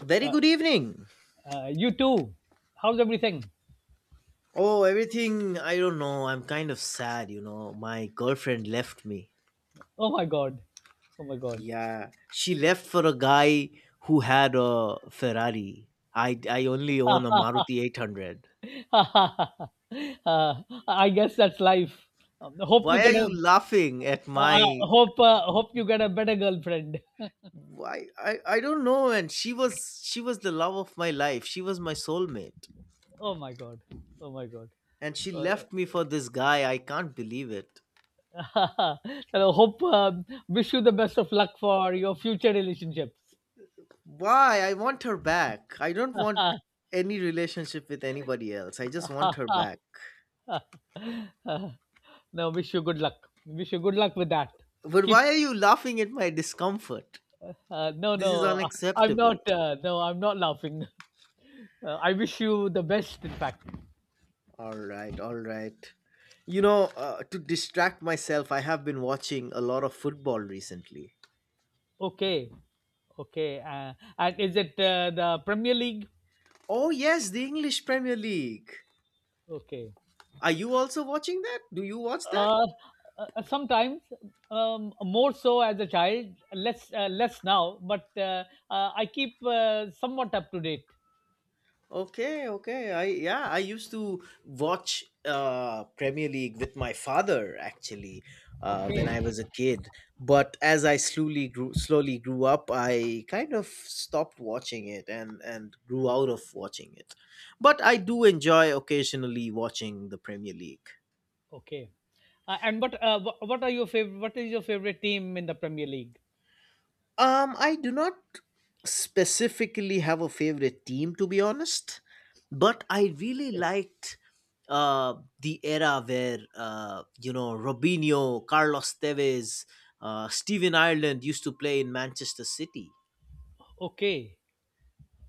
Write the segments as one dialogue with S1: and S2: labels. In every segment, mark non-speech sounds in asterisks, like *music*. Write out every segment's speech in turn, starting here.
S1: Very good evening.
S2: You too. How's everything?
S1: Oh, everything, I don't know. I'm kind of sad, My girlfriend left me.
S2: Oh my god. Oh my god.
S1: Yeah, she left for a guy who had a Ferrari. I only own a Maruti 800.
S2: *laughs* uh, I guess that's life. Hope you
S1: Why are
S2: get a.
S1: you laughing at
S2: I
S1: my
S2: hope hope you get a better girlfriend. *laughs*
S1: why I don't know and she was the love of my life. She was my soulmate
S2: Oh my god. Oh my god.
S1: and she
S2: Uh,
S1: left me for this guy. I can't believe it.
S2: *laughs* and I hope wish you the best of luck for your future relationships.
S1: Why? I want her back. I don't want
S2: *laughs*
S1: any relationship with anybody else. I just want her back.
S2: No, wish you good luck. Wish you good luck with that.
S1: But
S2: Keep.
S1: why are you laughing at my discomfort? This is
S2: No, I'm not.
S1: unacceptable.
S2: No, I'm not laughing. *laughs* I wish you the best. In fact.
S1: All right, all right. To distract myself, I have been watching a lot of football recently.
S2: Okay, okay. And is it the Premier League?
S1: Oh, yes, the English Premier League.
S2: Okay.
S1: Are you also watching that? Do you watch that?
S2: Uh, Sometimes, more so as a child, less less now, but I keep somewhat up to date.
S1: Okay, okay. I, yeah, I used to watch Premier League with my father actually when I
S2: Okay,
S1: was a kid. But as I slowly grew up, I kind of stopped watching it and grew out of watching it. But I do enjoy occasionally watching the Premier League.
S2: okay. And what what are your favorite? What is your favorite team in the Premier League?
S1: I do not specifically have a favorite team, to be honest, but I really
S2: Okay,
S1: liked the era where, Robinho, Carlos Tevez, Steven Ireland used to play in Manchester City.
S2: okay.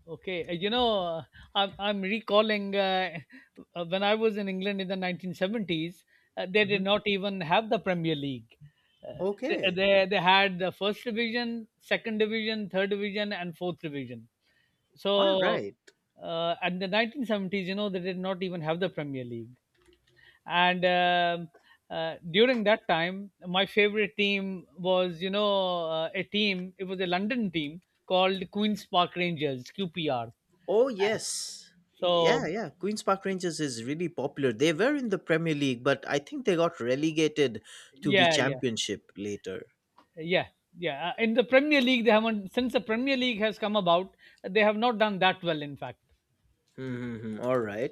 S2: Okay, you know, I'm recalling *laughs* when I was in England in the 1970s, they did
S1: Mhm.
S2: not even have the Premier League. Uh, they, uh,
S1: Okay.
S2: they, they had the first division, second division, third division, and fourth division.
S1: All
S2: So,
S1: right.
S2: in the 1970s, you know, they did not even have the Premier League. And during that time, my favorite team was, you know, a team, it was a London team called Queen's Park Rangers, QPR.
S1: Oh, yes. Yeah,
S2: So
S1: yeah. Queen's Park Rangers is really popular. They were in the Premier League, but I think they got relegated to the
S2: yeah, yeah,
S1: Championship later.
S2: yeah, yeah. In the Premier League, they haven't since the Premier League has come about. They have not done that well, in fact.
S1: Mm-hmm. All right.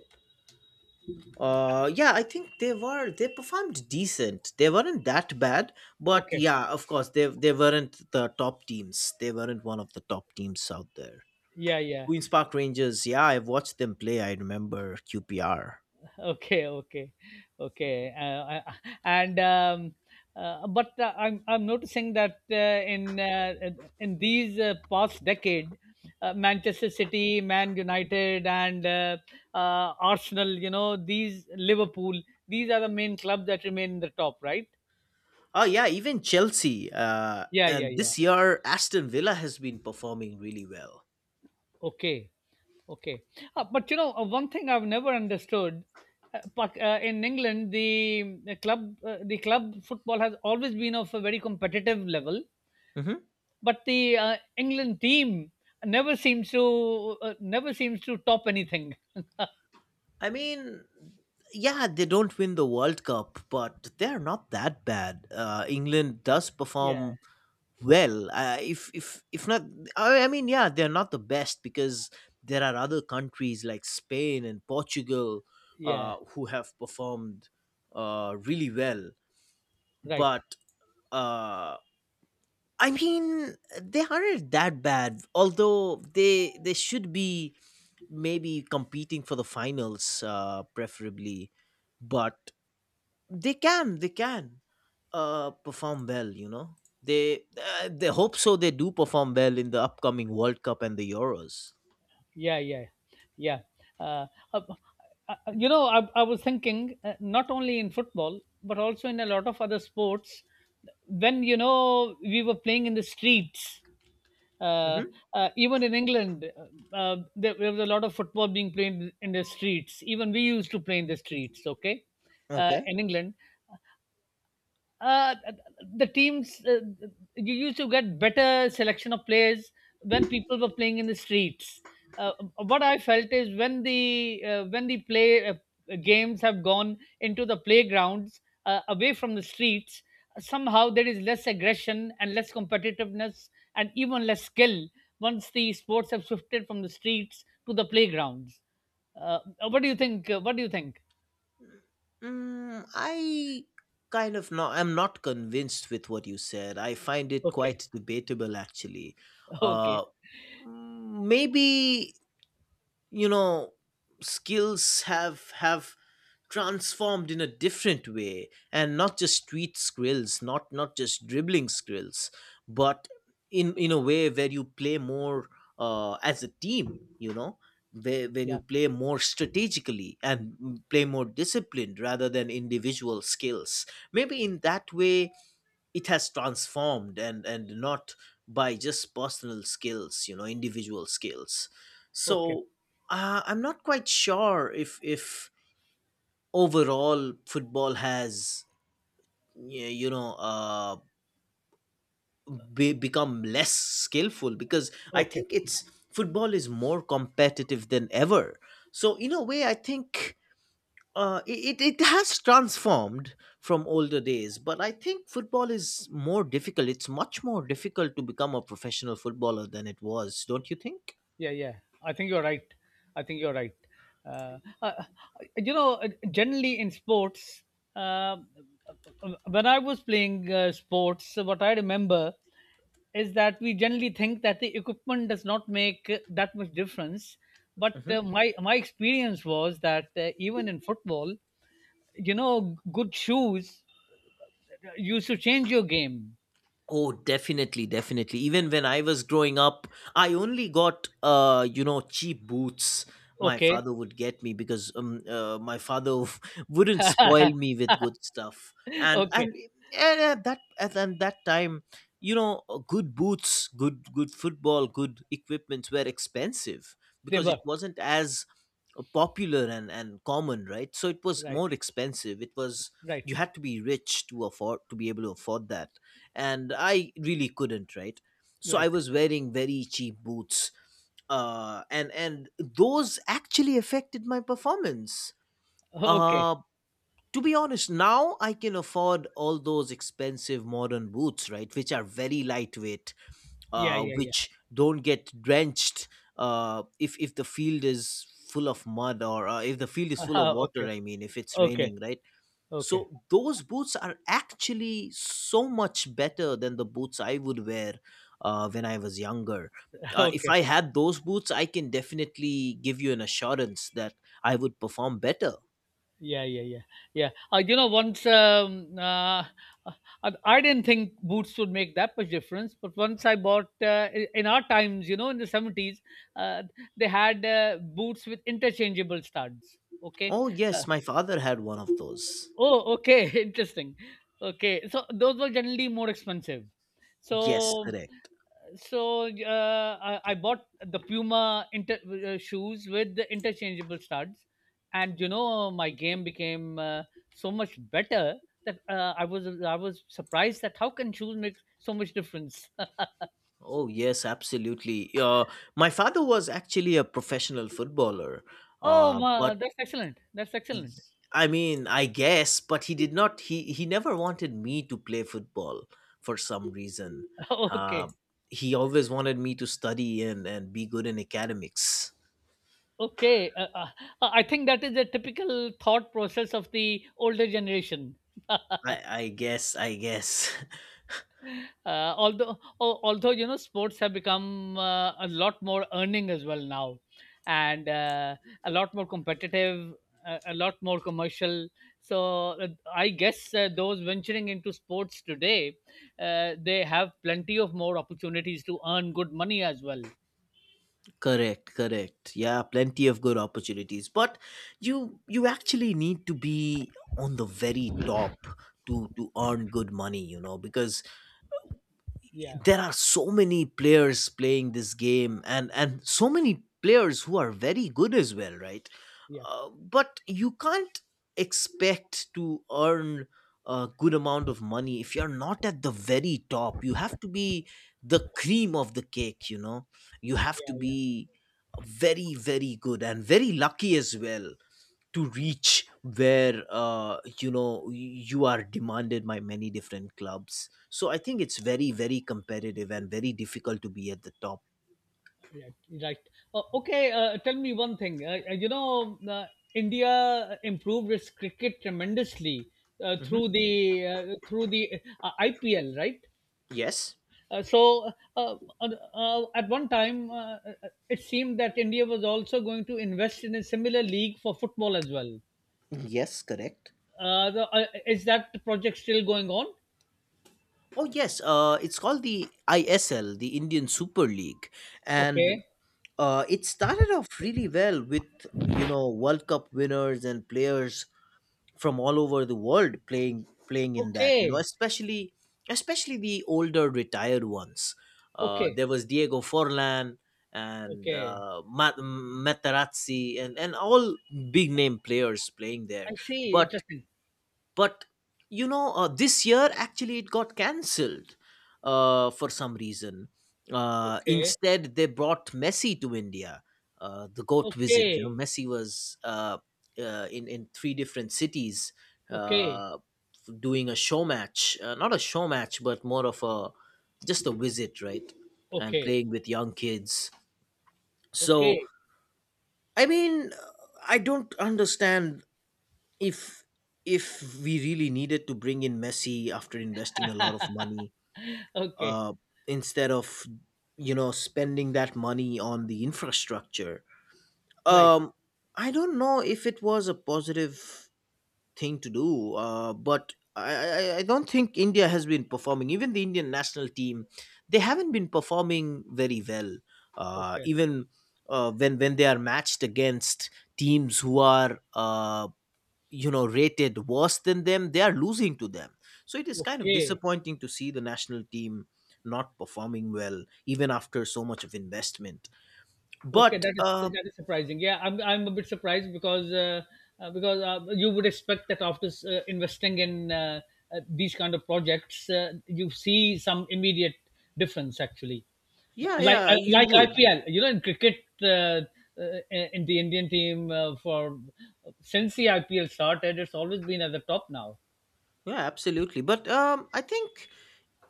S1: Yeah, I think they performed decent. They weren't that bad, but
S2: Okay.
S1: yeah, of course they weren't the top teams. They weren't one of the top teams out there.
S2: Yeah, yeah.
S1: Queens Park Rangers, yeah, I've watched them play. I remember QPR.
S2: *laughs* Okay, okay, okay. And But I'm noticing that in uh, in these past decade, Manchester City, Man United, and Arsenal, you know, these Liverpool, these are the main clubs that remain in the top, right?
S1: Oh yeah, even Chelsea. Uh,
S2: Yeah, yeah,
S1: and
S2: yeah.
S1: this year Aston Villa has been performing really well.
S2: Okay. Okay, but you know one thing I've never understood. In England, the club the club football has always been of a very competitive level,
S1: hmm
S2: but the England team never seems to never seems to top anything. *laughs*
S1: I mean, yeah, they don't win the World Cup, but they're not that bad. England does
S2: Yeah,
S1: perform Well, if not, I mean, yeah, they're not the best because there are other countries like Spain and Portugal
S2: yeah,
S1: who have performed really well.
S2: right.
S1: But uh, I mean, they aren't that bad. Although they should be maybe competing for the finals, preferably. But they can perform well, they hope so, they do perform well in the upcoming World Cup and the Euros.
S2: Yeah, yeah, yeah. Uh, uh, uh, you know, I was thinking not only in football but also in a lot of other sports. When you know we were playing in the streets uh,
S1: hmm
S2: even in England, there was a lot of football being played in the streets. Even we used to play in the streets, okay,
S1: okay
S2: in England uh, the teams you used to get better selection of players when people were playing in the streets. Uh, what I felt is when the play games have gone into the playgrounds away from the streets, somehow there is less aggression and less competitiveness and even less skill once the sports have shifted from the streets to the playgrounds. Uh, what do you think? What do you think?
S1: Mm, I kind of not. I'm not convinced with what you said. I find it
S2: Okay,
S1: quite debatable, actually.
S2: *laughs* okay,
S1: Uh, Maybe, you know, skills have transformed in a different way, and not just street skrills, not just dribbling skrills, but in a way where you play more, as a team, where, when you
S2: yeah,
S1: play more strategically and play more disciplined rather than individual skills. Maybe in that way it has transformed, and not by just personal skills, individual skills.
S2: okay,
S1: So, I'm not quite sure if overall football has, y- you know uh, become less skillful, because I
S2: okay.
S1: think it's, football is more competitive than ever. So in a way, I think, it has transformed from older days, but I think football is more difficult. It's much more difficult to become a professional footballer than it was. Don't you think?
S2: Yeah, yeah, I think you're right. I think you're right. uh, uh, uh, you know, generally in sports, um uh, when I was playing sports, what I remember is that we generally think that the equipment does not make that much difference, but my experience was that even in football, you know, good shoes used to change your game.
S1: Oh, definitely, definitely. Even when I was growing up, I only got, cheap boots my
S2: Okay.
S1: father would get me, because my father *laughs* wouldn't spoil me with good stuff.
S2: *laughs*
S1: And
S2: Okay,
S1: and and at that at, and that time, good boots, good football, good equipments were expensive,
S2: they
S1: because
S2: were
S1: it wasn't as popular and common, right? So it was
S2: right,
S1: more expensive. It was,
S2: right,
S1: you had to be rich to afford, to be able to afford that, and I really couldn't, right? So
S2: right,
S1: I was wearing very cheap boots, and those actually affected my performance.
S2: okay,
S1: Uh, to be honest, now I can afford all those expensive modern boots, right, which are very lightweight,
S2: yeah, yeah, yeah.
S1: which don't get drenched if the field is full of mud, or if the field is
S2: *laughs*
S1: full of
S2: Ah,
S1: water.
S2: okay,
S1: I mean, if it's
S2: okay,
S1: raining, right?
S2: okay,
S1: So those boots are actually so much better than the boots I would wear when I was younger.
S2: *laughs*
S1: If
S2: okay.
S1: I had those boots, I can definitely give you an assurance that I would perform better.
S2: Yeah, yeah, yeah, yeah. You know, once uh, I didn't think boots would make that much difference, but once I bought in our times, you know, in the 70s, uh, they had boots with interchangeable studs. Okay.
S1: Oh,
S2: Uh,
S1: yes, my father had one of those.
S2: oh, okay, *laughs* interesting. Okay, so those were generally more expensive.
S1: Yes,
S2: So
S1: correct.
S2: so I bought the Puma shoes with the interchangeable studs, and you know my game became so much better that I was surprised that how can shoes make so much difference.
S1: Oh, yes, absolutely. My father was actually a professional footballer,
S2: *laughs* Oh,
S1: uh,
S2: ma,
S1: but
S2: that's excellent. That's
S1: Y-
S2: excellent.
S1: I mean, I guess, but he did not. He never wanted me to play football for some reason. Uh,
S2: *laughs* Okay.
S1: he always wanted me to study and be good in academics.
S2: Okay, I think that is a typical thought process of the older generation.
S1: I
S2: *laughs*
S1: I guess.
S2: Uh, although al- Although you know sports have become a lot more earning as well now, and a lot more competitive, a lot more commercial, so I guess those venturing into sports today, they have plenty of more opportunities to earn good money as well.
S1: *laughs* Correct, correct. Yeah, plenty of good opportunities, but you actually need to be on the very top to earn good money. You know, because
S2: Yeah,
S1: there are so many players playing this game, and so many players who are very good as well, right?
S2: yeah,
S1: But you can't expect to earn a good amount of money if you're not at the very top. You have to be the cream of the cake, you have to
S2: yeah, yeah.
S1: be very, very good, and very lucky as well, to reach where, you are demanded by many different clubs. So I think it's very, very competitive and very difficult to be at the top.
S2: Right. Right. Okay. uh, Tell me one thing. You know, India improved its cricket tremendously
S1: hmm
S2: through the IPL, right?
S1: yes,
S2: Uh, so uh, uh, at one time, it seemed that India was also going to invest in a similar league for football as well.
S1: yes, correct.
S2: Is that project still going on?
S1: Oh yes, it's called the ISL, the Indian Super League. And
S2: Okay.
S1: it started off really well with, World Cup winners and players from all over the world playing in that,
S2: Okay.
S1: especially, especially the older retired ones.
S2: Okay.
S1: There was Diego Forlan and
S2: Okay.
S1: Ma- Materazzi and all big name players playing there.
S2: I see.
S1: but
S2: Interesting.
S1: but, this year actually it got cancelled, for some reason.
S2: Okay.
S1: Instead they brought Messi to India, the GOAT visit.
S2: Okay.
S1: Messi was, in three different cities,
S2: Okay.
S1: uh, doing a show match, not a show match, but more of a just a visit, right? And
S2: Okay.
S1: playing with young kids. So,
S2: Okay,
S1: I mean, I don't understand if if we really needed to bring in Messi after investing a lot of money,
S2: okay,
S1: uh, instead of, spending that money on the infrastructure.
S2: right,
S1: um, I don't know if it was a positive thing to do. But I don't think India has been performing. Even the Indian national team, they haven't been performing very well.
S2: okay,
S1: Even when they are matched against teams who are, rated worse than them, they are losing to them. So it is kind of
S2: okay,
S1: disappointing to see the national team not performing well even after so much of investment.
S2: okay.
S1: But
S2: That is surprising. Yeah, I'm a bit surprised because you would expect that after investing in these kind of projects, you see some immediate difference actually,
S1: yeah, yeah, you
S2: like
S1: would.
S2: IPL. You know, in cricket, in the Indian team for since the IPL started, it's always been at the top now.
S1: Yeah, absolutely. But I think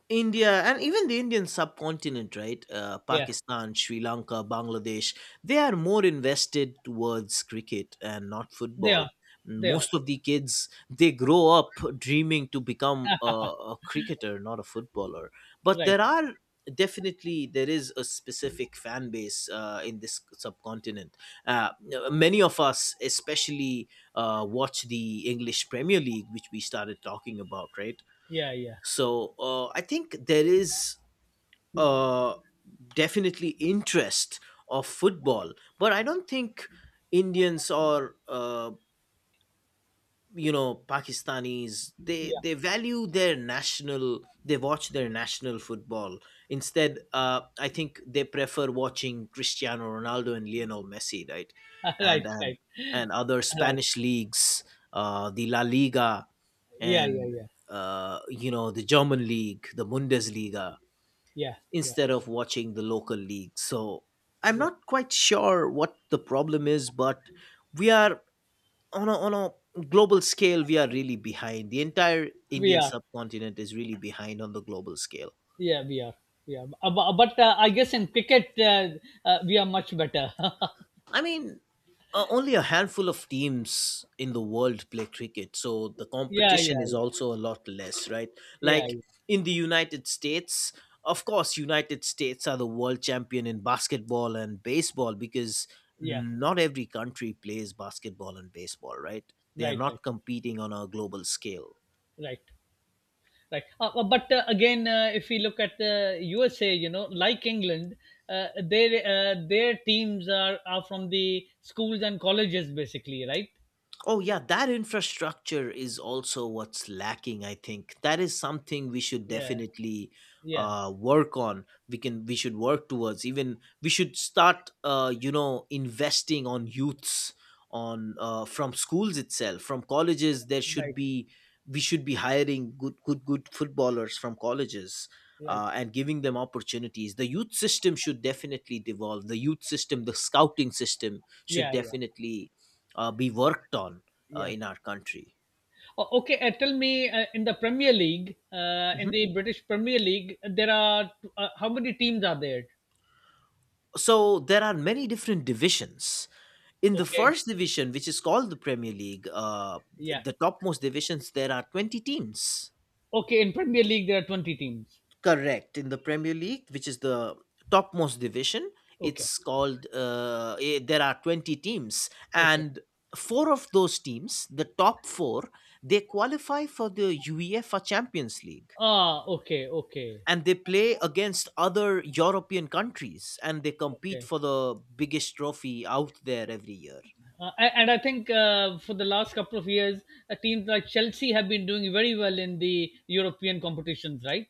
S1: India, and even the Indian subcontinent, right?
S2: Yeah,
S1: Pakistan, Sri Lanka, Bangladesh, they are more invested towards cricket and not
S2: they
S1: football.
S2: are, they are
S1: Most of the kids, they grow up dreaming to become a cricketer, not a footballer. But
S2: right.
S1: there are, definitely there is a specific fan base in this subcontinent. Uh, Many of us, especially, watch the English Premier League, which we started talking about, right?
S2: Yeah, yeah,
S1: So, I think there is, uh, definitely interest of football, but I don't think Indians or, Pakistanis,
S2: yeah.
S1: they value their national, they watch their national football. Instead, I think they prefer watching Cristiano Ronaldo and Lionel Messi, right?
S2: *laughs* Right,
S1: And,
S2: right,
S1: and other
S2: right.
S1: Spanish leagues, the La Liga,
S2: Yeah, yeah,
S1: and
S2: yeah,
S1: the German league, the Bundesliga,
S2: yeah, yeah,
S1: instead of watching the local league. So, I'm
S2: yeah.
S1: not quite sure what the problem is. But we are on a, global scale, we are really behind. The entire
S2: We
S1: Indian
S2: are,
S1: subcontinent is really behind on the global scale.
S2: yeah, we are, yeah. But I guess in cricket, we are much better. *laughs*
S1: I mean, only a handful of teams in the world play cricket, so the
S2: Yeah,
S1: competition
S2: yeah,
S1: is
S2: yeah,
S1: also a lot less, right?
S2: yeah,
S1: Like
S2: yeah,
S1: in the United States, of course United States are the world champion in basketball and baseball, because
S2: yeah.
S1: not every country plays basketball and baseball, right? They are
S2: Right, right,
S1: not competing on a global scale.
S2: right, right. But again, if we look at the USA, you know, like England, their teams are from the schools and colleges, basically, right?
S1: Oh, yeah, that infrastructure is also what's lacking, I think. That is something we should
S2: Yeah,
S1: definitely
S2: yeah,
S1: work on. We can, we should work towards. Even we should start, investing on youths, on, from schools itself, from colleges. There should
S2: right,
S1: be, we should be hiring good footballers from colleges.
S2: right.
S1: And giving them opportunities. The youth system should definitely devolve. The youth system, the scouting system should
S2: Yeah, yeah,
S1: definitely be worked on
S2: yeah.
S1: in our country.
S2: Okay, tell me in the Premier League, in
S1: Mhm.
S2: the British Premier League, there are how many teams are there?
S1: So there are many different divisions. In the
S2: Okay,
S1: first division, which is called the Premier League,
S2: yeah.
S1: the topmost divisions, there are 20 teams.
S2: Okay, in Premier League there are 20 teams.
S1: Correct. In the Premier League, which is the topmost division,
S2: Okay,
S1: it's called, there are 20 teams.
S2: okay.
S1: And four of those teams, the top four, they qualify for the UEFA Champions League,
S2: Ah, okay, okay,
S1: and they play against other European countries and they compete
S2: okay.
S1: for the biggest trophy out there every year.
S2: And I think for the last couple of years, teams like Chelsea have been doing very well in the European competitions, right?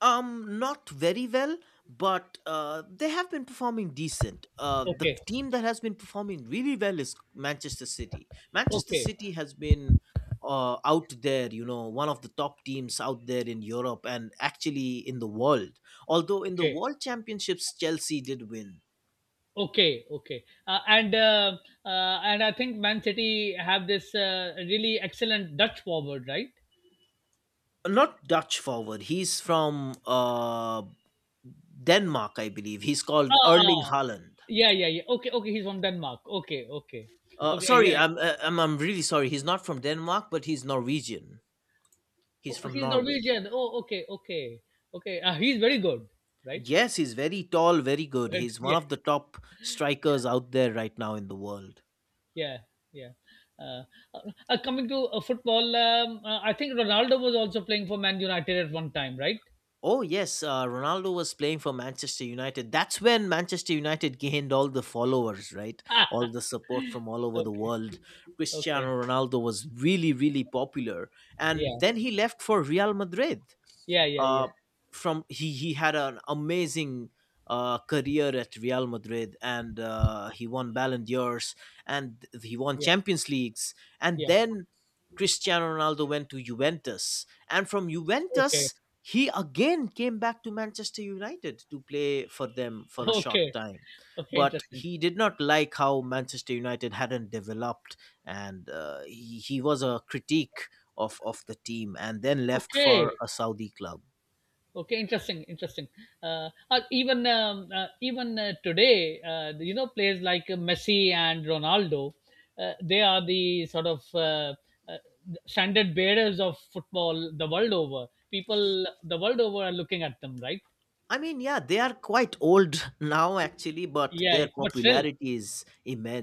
S1: Not very well, but they have been performing decent. The
S2: Okay,
S1: team that has been performing really well is Manchester City. Manchester
S2: okay,
S1: City has been out there, you know, one of the top teams out there in Europe and actually in the world. Although in the
S2: okay.
S1: World Championships, Chelsea did win.
S2: Okay, okay, and I think Man City have this really excellent Dutch forward, right?
S1: Not Dutch forward. He's from Denmark, I believe. He's called
S2: Ah, ah,
S1: Erling Haaland.
S2: yeah, yeah, yeah. Okay, okay, he's from Denmark. Okay, okay, okay,
S1: Sorry,
S2: yeah.
S1: I'm really sorry. He's not from Denmark, but he's Norwegian. He's
S2: Oh,
S1: from
S2: he's
S1: Norway.
S2: Norwegian. Oh, okay, okay, okay. He's very good, right? *laughs*
S1: Yes, he's very tall, very good.
S2: Right,
S1: He's one
S2: yeah,
S1: of the top strikers out there right now in the world.
S2: yeah, yeah. Uh, uh, coming to football, I think Ronaldo was also playing for Man United at one time, right?
S1: Oh yes, Ronaldo was playing for Manchester United. That's when Manchester United gained all the followers, right? All
S2: *laughs*
S1: the support from all over the
S2: Okay,
S1: world.
S2: okay,
S1: Cristiano Ronaldo was really, really popular, and
S2: yeah,
S1: then he left for Real Madrid.
S2: yeah, yeah, yeah,
S1: Uh, from he had an amazing career at Real Madrid, and he won Ballon d'Ors, and he won
S2: yeah,
S1: Champions Leagues, and
S2: yeah.
S1: then Cristiano Ronaldo went to Juventus, and from
S2: Okay,
S1: Juventus he again came back to Manchester United to play for them for a short
S2: okay.
S1: time.
S2: Okay.
S1: But
S2: Interesting.
S1: he did not like how Manchester United hadn't developed, and he was a critique of the team, and then left for
S2: Okay.
S1: a Saudi club.
S2: Okay. Interesting. Interesting. Even today, you know, players like Messi and Ronaldo, they are the sort of uh, standard bearers of football the world over. People the world over are looking at them, right?
S1: I mean, yeah, they are quite old *laughs* now, actually, but
S2: Yeah,
S1: their
S2: yeah. But still.
S1: popularity is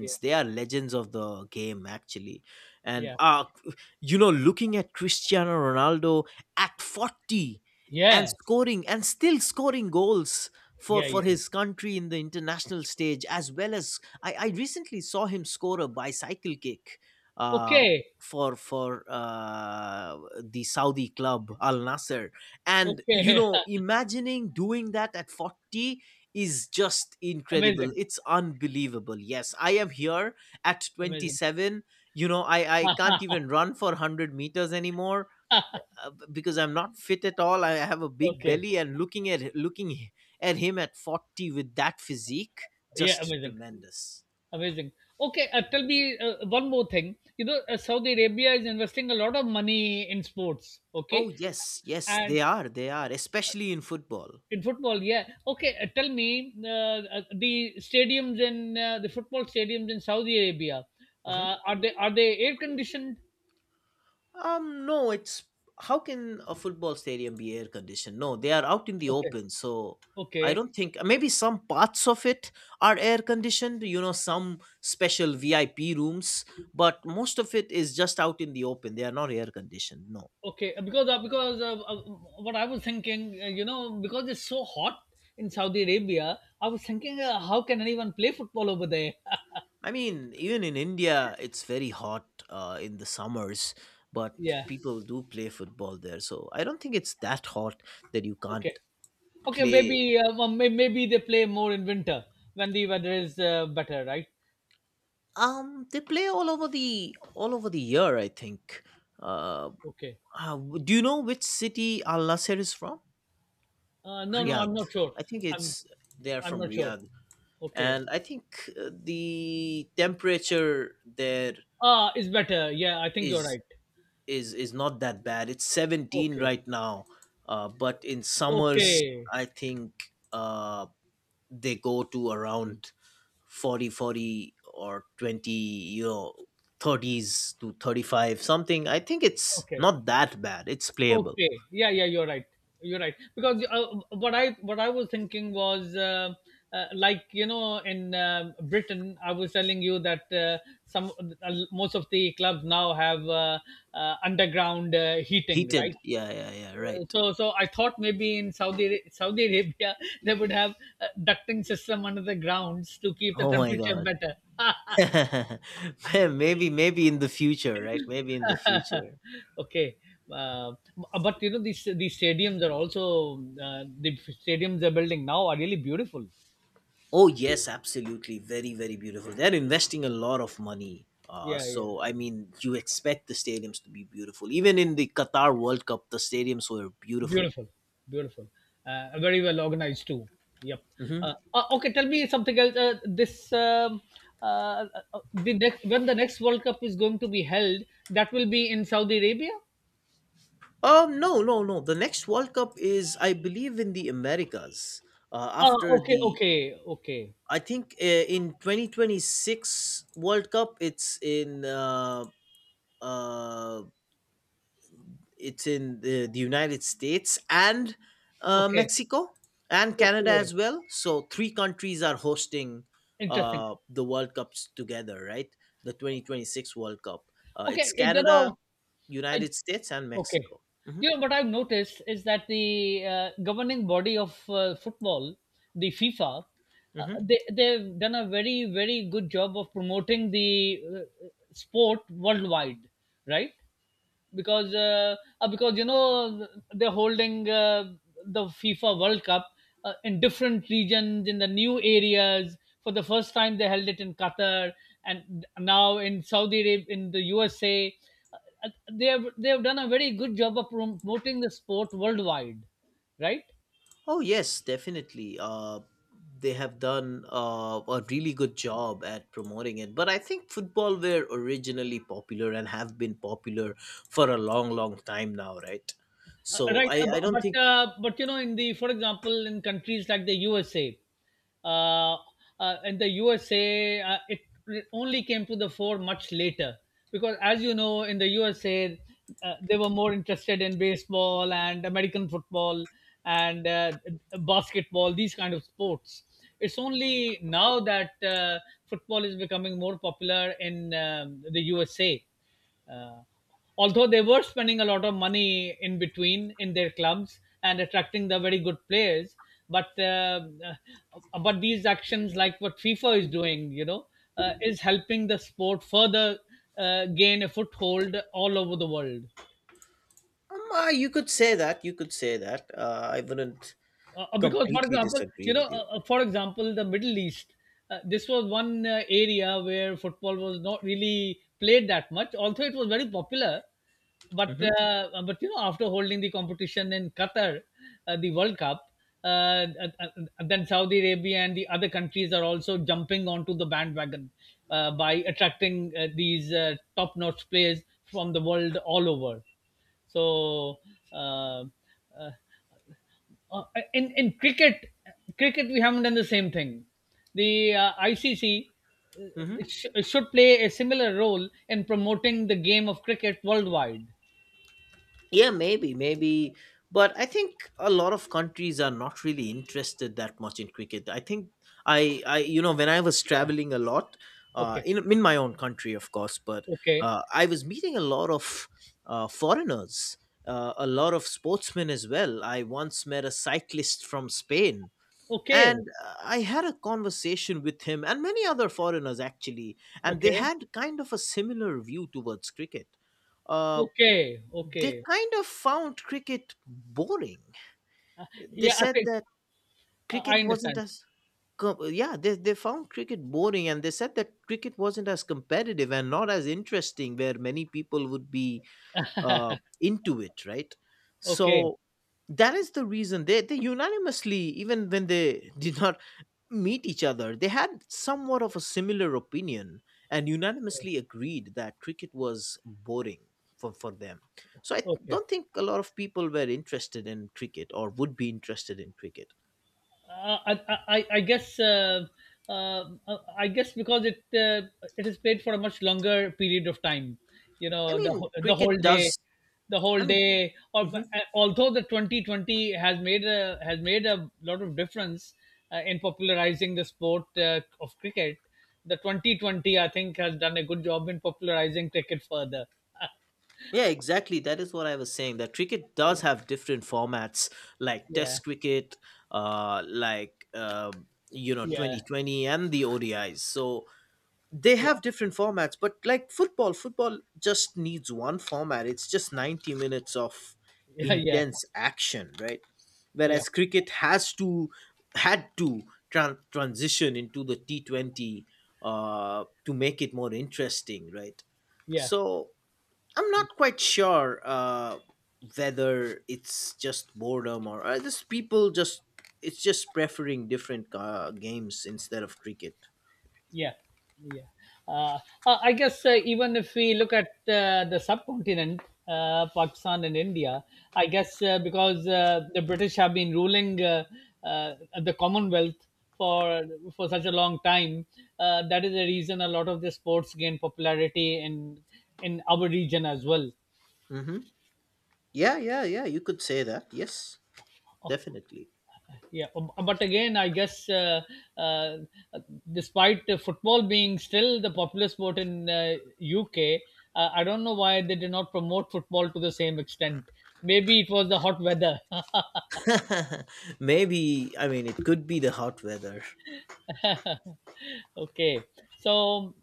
S2: Yeah.
S1: They are legends of the game, actually. And,
S2: Yeah.
S1: *laughs* you know, looking at Cristiano Ronaldo at 40 and
S2: Yeah.
S1: scoring and still scoring goals for,
S2: Yeah. Yeah,
S1: for
S2: yeah.
S1: his country in the international stage, as well as I recently saw him score a bicycle kick. Uh,
S2: Okay.
S1: for the Saudi club Al Nasser, and you
S2: Okay.
S1: know, imagining doing that at 40 is just
S2: *laughs*
S1: incredible,
S2: Amazing.
S1: it's unbelievable. Yes, I am here at
S2: Amazing.
S1: 27. You know, I can't even run for 100 meters anymore
S2: *laughs*
S1: because I'm not fit at all. I have a big
S2: okay.
S1: belly, and looking *laughs* at him at 40 with that physique,
S2: Yeah.
S1: just
S2: Amazing.
S1: tremendous.
S2: Amazing. Okay, tell me one more thing. You know, Saudi Arabia is investing a lot of money in sports, okay?
S1: Oh yes,
S2: And
S1: they are, especially in football.
S2: in football, yeah. Okay, tell me the football stadiums in Saudi Arabia,
S1: Mhm.
S2: are they air conditioned?
S1: No, it's, how can a football stadium be air conditioned? No, they are out in the
S2: Okay,
S1: open, so
S2: okay,
S1: I don't think maybe some parts of it are air conditioned, you know, some special VIP rooms, but most of it is just out in the open. They are not air conditioned. No,
S2: okay. Because what I was thinking, you know, because it's so hot in Saudi Arabia, I was thinking, how can anyone play football over there? *laughs*
S1: I mean, even in India, it's very hot in the summers, but
S2: Yeah.
S1: people do play football there, so I don't think it's that hot that you
S2: Okay.
S1: can't
S2: Okay,
S1: play.
S2: maybe well, maybe they play more in winter when the weather is better, right?
S1: They play all over the year, I think. Uh,
S2: Okay.
S1: do you know which city Al Nasser is from?
S2: No, no, I'm
S1: Riyadh.
S2: not sure.
S1: I think
S2: I'm
S1: it's, they are
S2: I'm
S1: from
S2: not sure.
S1: Riyadh,
S2: Okay.
S1: and I think the temperature there
S2: Ah, it's better. Yeah, I think you're
S1: is
S2: right.
S1: is not that bad. It's 17
S2: Okay.
S1: right now, but in summers,
S2: Okay.
S1: I think uh, they go to around 40 40, or 20, you know, 30s to 35 something. I think it's
S2: Okay.
S1: not that bad, it's playable.
S2: Okay. Yeah, yeah, you're right. You're right. Because what I was thinking was like you know in Britain, I was telling you that some most of the clubs now have underground heating, right?
S1: Heated, yeah, yeah, yeah,
S2: Uh,
S1: right.
S2: so so I thought maybe in Saudi Arabia *laughs* they would have a ducting system under the grounds to keep the
S1: Oh my
S2: temperature
S1: god.
S2: better.
S1: *laughs* Man, maybe in the future, right? Maybe in the
S2: *laughs*
S1: future.
S2: Okay. uh, but you know these stadiums are also the stadiums they're building now are really beautiful.
S1: Oh yes, absolutely, very, very beautiful. They're investing a lot of money,
S2: Yeah, yeah,
S1: so I mean, you expect the stadiums to be beautiful. Even in the Qatar World Cup, the stadiums were beautiful.
S2: beautiful, beautiful. Very well organized too. Yep.
S1: Mhm.
S2: Okay, tell me something else. This uh, the next when the next world cup is going to be held, that will be in Saudi Arabia.
S1: No, no, no. The next World Cup is, I believe, in the Americas. Uh,
S2: Ah,
S1: after
S2: okay,
S1: the,
S2: okay, okay,
S1: I think in 2026 World Cup, uh, it's in the United States, and
S2: okay,
S1: Mexico, and Canada
S2: okay.
S1: as well. So three countries are hosting
S2: Interesting.
S1: the World Cups together, right? The 2026 World Cup. It's
S2: Okay,
S1: Canada,
S2: I,
S1: United States, and
S2: okay,
S1: Mexico.
S2: you know what I've noticed is that the governing body of football, the FIFA, uh,
S1: Hmm.
S2: they they've done a very very good job of promoting the sport worldwide, right? Because uh, because you know they're holding the FIFA World Cup in different regions in the new areas. For the first time, they held it in Qatar, and now in Saudi Arabia, in the USA. Uh, they have done a very good job of promoting the sport worldwide, right?
S1: Oh yes, definitely. They have done a really good job at promoting it. But I think football were originally popular and have been popular for a long, long time now, right? So
S2: Right,
S1: I,
S2: bu-
S1: I don't think.
S2: but you know, in the For example, in countries like the USA, uh, in the USA, it only came to the fore much later because, as you know, in the USA, they were more interested in baseball and American football and basketball, these kind of sports. It's only now that football is becoming more popular in the USA, although they were spending a lot of money in between in their clubs and attracting the very good players. But these actions, like what fifa is doing, is helping the sport further gain a foothold all over the world.
S1: You could say that. You could say that. I wouldn't completely disagree with you.
S2: For example, the Middle East, this was one area where football was not really played that much, although it was very popular. But
S1: Hmm.
S2: after holding the competition in Qatar, the World Cup, uh, uh, uh, then Saudi Arabia and the other countries are also jumping onto the bandwagon, by attracting these top-notch players from the world all over. So. Uh, uh, uh, in cricket, we haven't done the same thing. The ICC uh,
S1: Hmm.
S2: should play a similar role in promoting the game of cricket worldwide.
S1: Yeah, maybe, maybe. But I think a lot of countries are not really interested that much in cricket. I think I you know, when I was
S2: Yeah.
S1: traveling a lot,
S2: Okay.
S1: in my own country, of course, but
S2: Okay.
S1: I was meeting a lot of foreigners, a lot of sportsmen as well. I once met a cyclist from Spain,
S2: Okay.
S1: and I had a conversation with him and many other foreigners actually, and they
S2: Okay.
S1: had kind of a similar view towards cricket. Uh,
S2: Okay.
S1: they
S2: Okay.
S1: kind of found cricket boring.
S2: Uh,
S1: They
S2: yeah. I
S1: said
S2: think,
S1: that
S2: I
S1: cricket wasn't
S2: understand.
S1: as com- yeah they found cricket boring and they said that cricket wasn't as competitive and not as interesting where many people would be uh, into it, right?
S2: Okay.
S1: So that is the reason they unanimously, even when they *laughs* did not meet each other, they had somewhat of a similar opinion and unanimously agreed that cricket was boring for them. So I
S2: Okay.
S1: don't think a lot of people were interested in cricket or would be interested in cricket.
S2: Uh, I, I, I guess uh, uh, I guess because it is played for a much longer period of time. You
S1: I
S2: know, the
S1: mean,
S2: the
S1: cricket
S2: whole day,
S1: does.
S2: the whole
S1: I mean,
S2: day. Or
S1: mhm.
S2: although the 2020 has made a lot of difference in popularizing the sport of cricket. The 2020, I think, has done a good job in popularizing cricket further.
S1: Yeah, exactly. That is what I was saying. That
S2: *laughs*
S1: cricket does
S2: Yeah,
S1: have different formats, like
S2: yeah,
S1: Test cricket, you know,
S2: yeah,
S1: Twenty20, and the ODIs. So they
S2: yeah.
S1: have different formats, but like football just needs one format. It's just 90 minutes of
S2: *laughs* Yeah, yeah,
S1: intense action, right?
S2: yeah,
S1: Whereas cricket has to, had to, transition into the T20 to make it more interesting, right?
S2: yeah.
S1: So I'm not quite sure whether it's just boredom or just people just, it's just preferring different games instead of cricket.
S2: Yeah, yeah. Uh, I guess even if we look at the subcontinent, Pakistan and India, I guess because the British have been ruling uh, the Commonwealth for such a long time, that is the reason a lot of the sports gain popularity in our region as well.
S1: Hmm. Yeah, yeah, yeah. You could say that. Yes, definitely.
S2: Yeah, but again, I guess, uh, despite football being still the popular sport in UK, I don't know why they did not promote football to the same extent. Maybe it was the hot weather.
S1: *laughs* Maybe, I mean, it could be the hot weather.
S2: *laughs* Okay. So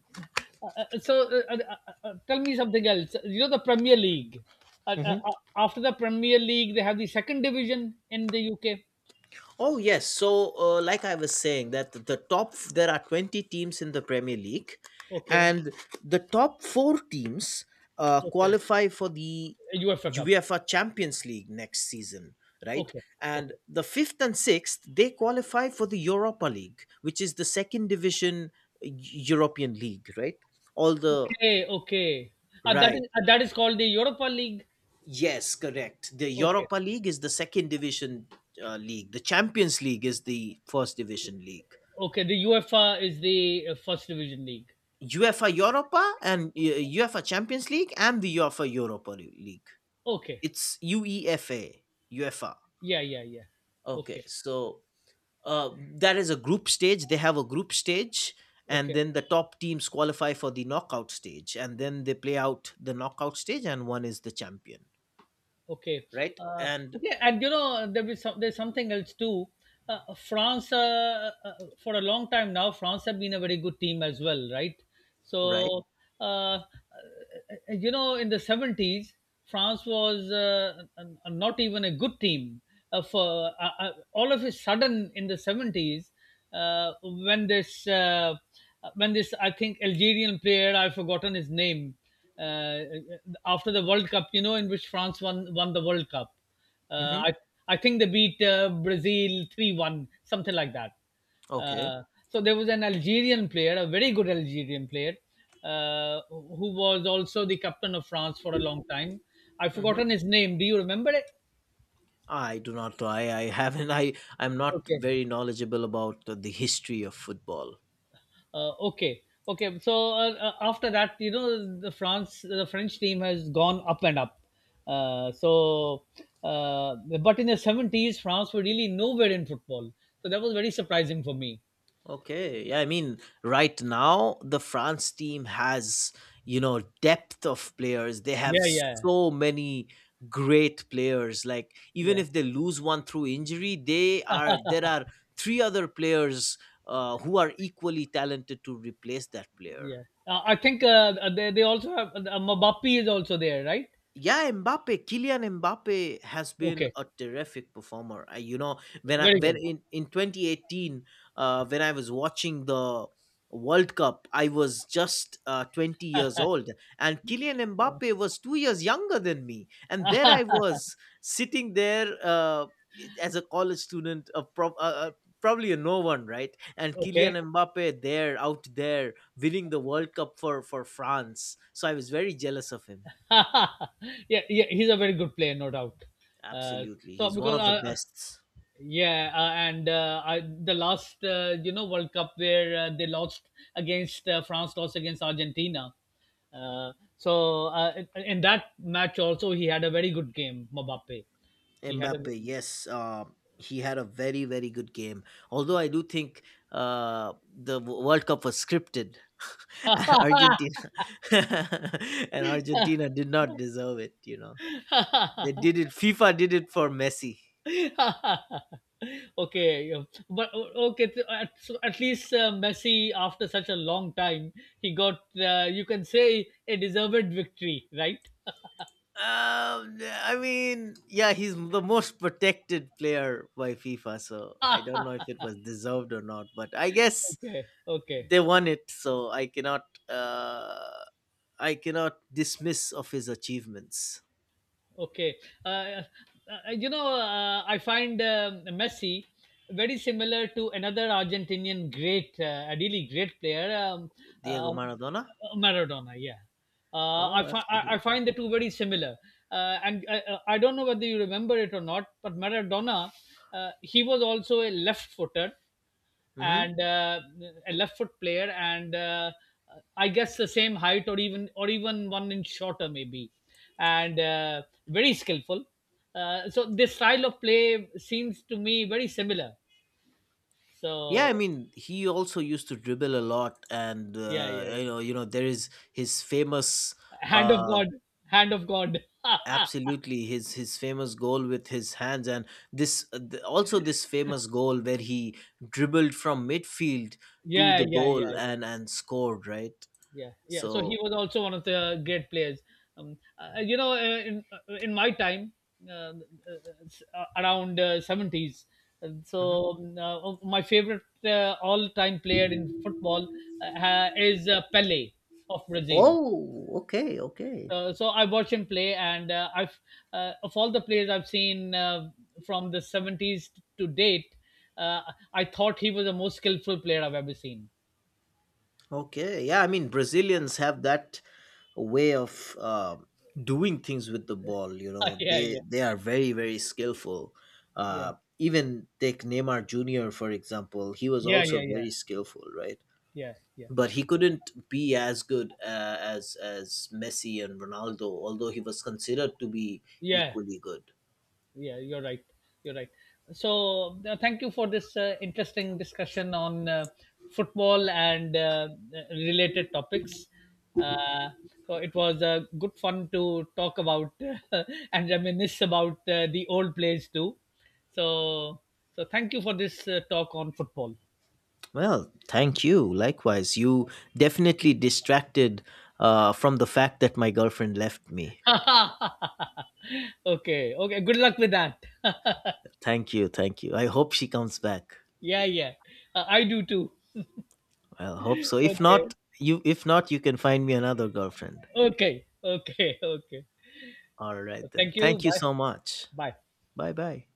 S2: uh, uh, so uh, uh, tell me something else. You know the Premier League.
S1: Hmm.
S2: After the Premier League, they have the second division in the UK.
S1: Oh yes, so like I was saying that the top, there are 20 teams in the Premier League,
S2: Okay,
S1: and the top 4 teams
S2: okay,
S1: qualify for the
S2: UEFA Cup.
S1: UEFA Champions League next season, right?
S2: Okay,
S1: And
S2: okay.
S1: the 5th and 6th, they qualify for the Europa League, which is the second division European league, right? All the,
S2: Okay, okay.
S1: right.
S2: That is called the Europa League.
S1: Yes, correct. The
S2: Okay,
S1: Europa League is the second division league. The Champions League is the first division league.
S2: okay. The UEFA is the first division league.
S1: UEFA Europa, and UEFA Champions League, and the UEFA Europa League.
S2: Okay.
S1: It's UEFA. UEFA.
S2: Yeah, yeah, yeah.
S1: Okay,
S2: Okay,
S1: so that is a group stage. They have a group stage, and
S2: okay.
S1: then the top teams qualify for the knockout stage, and then they play out the knockout stage, and one is the champion,
S2: Okay.
S1: right?
S2: Uh,
S1: And
S2: okay. And, you know, there is there's something else too. France, for a long time now, France have been a very good team as well, right?
S1: right.
S2: So, uh, uh, you know, in the 70s, France was not even a good team. For all of a sudden, in the 70s, uh, when this uh, when this, I think, Algerian player, I've forgotten his name, uh, after the World Cup, you know, in which France won the World Cup. Uh,
S1: Mm-hmm.
S2: I I think they beat Brazil 3-1, something like that.
S1: Okay.
S2: Uh, so there was an Algerian player, a very good Algerian player, who was also the captain of France for a long time. I've
S1: Mm-hmm.
S2: forgotten his name. Do you remember it?
S1: I do not know. I haven't. I I'm not
S2: Okay.
S1: very knowledgeable about the history of football.
S2: Okay, okay. So, after that, you know, the French team has gone up and up. Uh, so, but in the 70s, France were really nowhere in football. So that was very surprising for me.
S1: Okay. Yeah. I mean, right now the France team has, you know, depth of players. They have
S2: Yeah, yeah,
S1: so many great players. Like even
S2: yeah,
S1: if they lose one through injury, they are there are three other players who are equally talented to replace that player.
S2: yeah. I think they also have Mbappe is also there, right?
S1: Yeah, mbappe Kylian Mbappe has been
S2: Okay,
S1: a terrific performer. I, you know when I
S2: very
S1: when
S2: good.
S1: in 2018, when I was watching the world cup, I was just 20 years old, and Kylian
S2: Yeah.
S1: Mbappe was 2 years younger than me, and there I was sitting there as a college student, a probably a no one, right? And
S2: Okay.
S1: Kylian Mbappe there, out there, winning the world cup for France, so I was very jealous of him.
S2: *laughs* Yeah, yeah, he's a very good player, no doubt. Uh,
S1: Absolutely.
S2: so
S1: He's one
S2: because
S1: of the best.
S2: Yeah. And the last, World Cup where they lost against France, lost against Argentina. Uh, in that match also he had a very good game, Mbappe. He had a.
S1: Mbappe, yes. He had a very, very good game. Although I do think World Cup was scripted. *laughs* And Argentina. *laughs* And Argentina did not deserve it, you know. They did it.
S2: *laughs*
S1: FIFA did it for Messi.
S2: Okay, yeah. But okay. So at least Messi, after such a long time, he got, you can say, a deserved victory, right?
S1: I mean, yeah, he's the most protected player by FIFA, so I don't know
S2: *laughs*
S1: if it was deserved or not, but I guess
S2: Okay, okay.
S1: they won it, so I cannot. I cannot dismiss of his achievements.
S2: Okay. Uh, uh, you know, I find Messi very similar to another Argentinian great, ideally great player,
S1: Diego
S2: um,
S1: Maradona?
S2: Maradona. Yeah. I,
S1: Oh,
S2: fi- I
S1: absolutely.
S2: find the two very similar. And I don't know whether you remember it or not, but Maradona, he was also a left footer
S1: Hmm.
S2: and a left foot player, and I guess the same height, or even one inch shorter maybe, and very skillful. So this style of play seems to me very similar.
S1: Yeah, I
S2: So,
S1: mean, he also used to dribble a lot, and
S2: yeah, yeah,
S1: you
S2: yeah.
S1: know, there is his famous,
S2: Hand of
S1: uh,
S2: god. Hand of god.
S1: absolutely, his famous goal with his hands, and also this famous goal where he dribbled from midfield
S2: *laughs*
S1: to
S2: Yeah,
S1: the
S2: yeah, yeah,
S1: goal
S2: yeah.
S1: and scored, right?
S2: Yeah, yeah. So he
S1: So,
S2: was also one of the great players. In my time, uh, uh, around seventies. And
S1: mhm.
S2: so my favorite all-time player in football is Pele of Brazil.
S1: Oh, okay, okay.
S2: So I watch him play, and I've of all the players I've seen, from the 70s to date, uh, I thought he was the most skillful player I've ever seen.
S1: Okay, yeah, I mean Brazilians have that way of doing things with the ball. You know,
S2: *laughs* Yeah, yeah,
S1: they are very, very skillful.
S2: yeah,
S1: Uh, even take Neymar Junior for example. He was
S2: yeah,
S1: also
S2: yeah, yeah,
S1: very skillful, right?
S2: yeah, yeah.
S1: But he couldn't be as good as Messi and Ronaldo, although he was considered to be
S2: Yeah,
S1: equally good.
S2: yeah, you're right. You're right. So, thank you for this interesting discussion on football and related topics. Uh, so, it was good fun to talk about *laughs* and reminisce about the old plays too. So, thank you for this talk on football.
S1: Well, thank you. Likewise, you definitely distracted from the fact that my girlfriend left me.
S2: *laughs* Okay, okay. Good luck with that.
S1: Thank you, thank you. I hope she comes back.
S2: Yeah, yeah. I do too.
S1: Well, hope so.
S2: Okay,
S1: If not, you can find me another girlfriend.
S2: okay, okay, okay.
S1: All right then.
S2: Thank you.
S1: Thank you
S2: Bye.
S1: so much.
S2: Bye.
S1: Bye bye.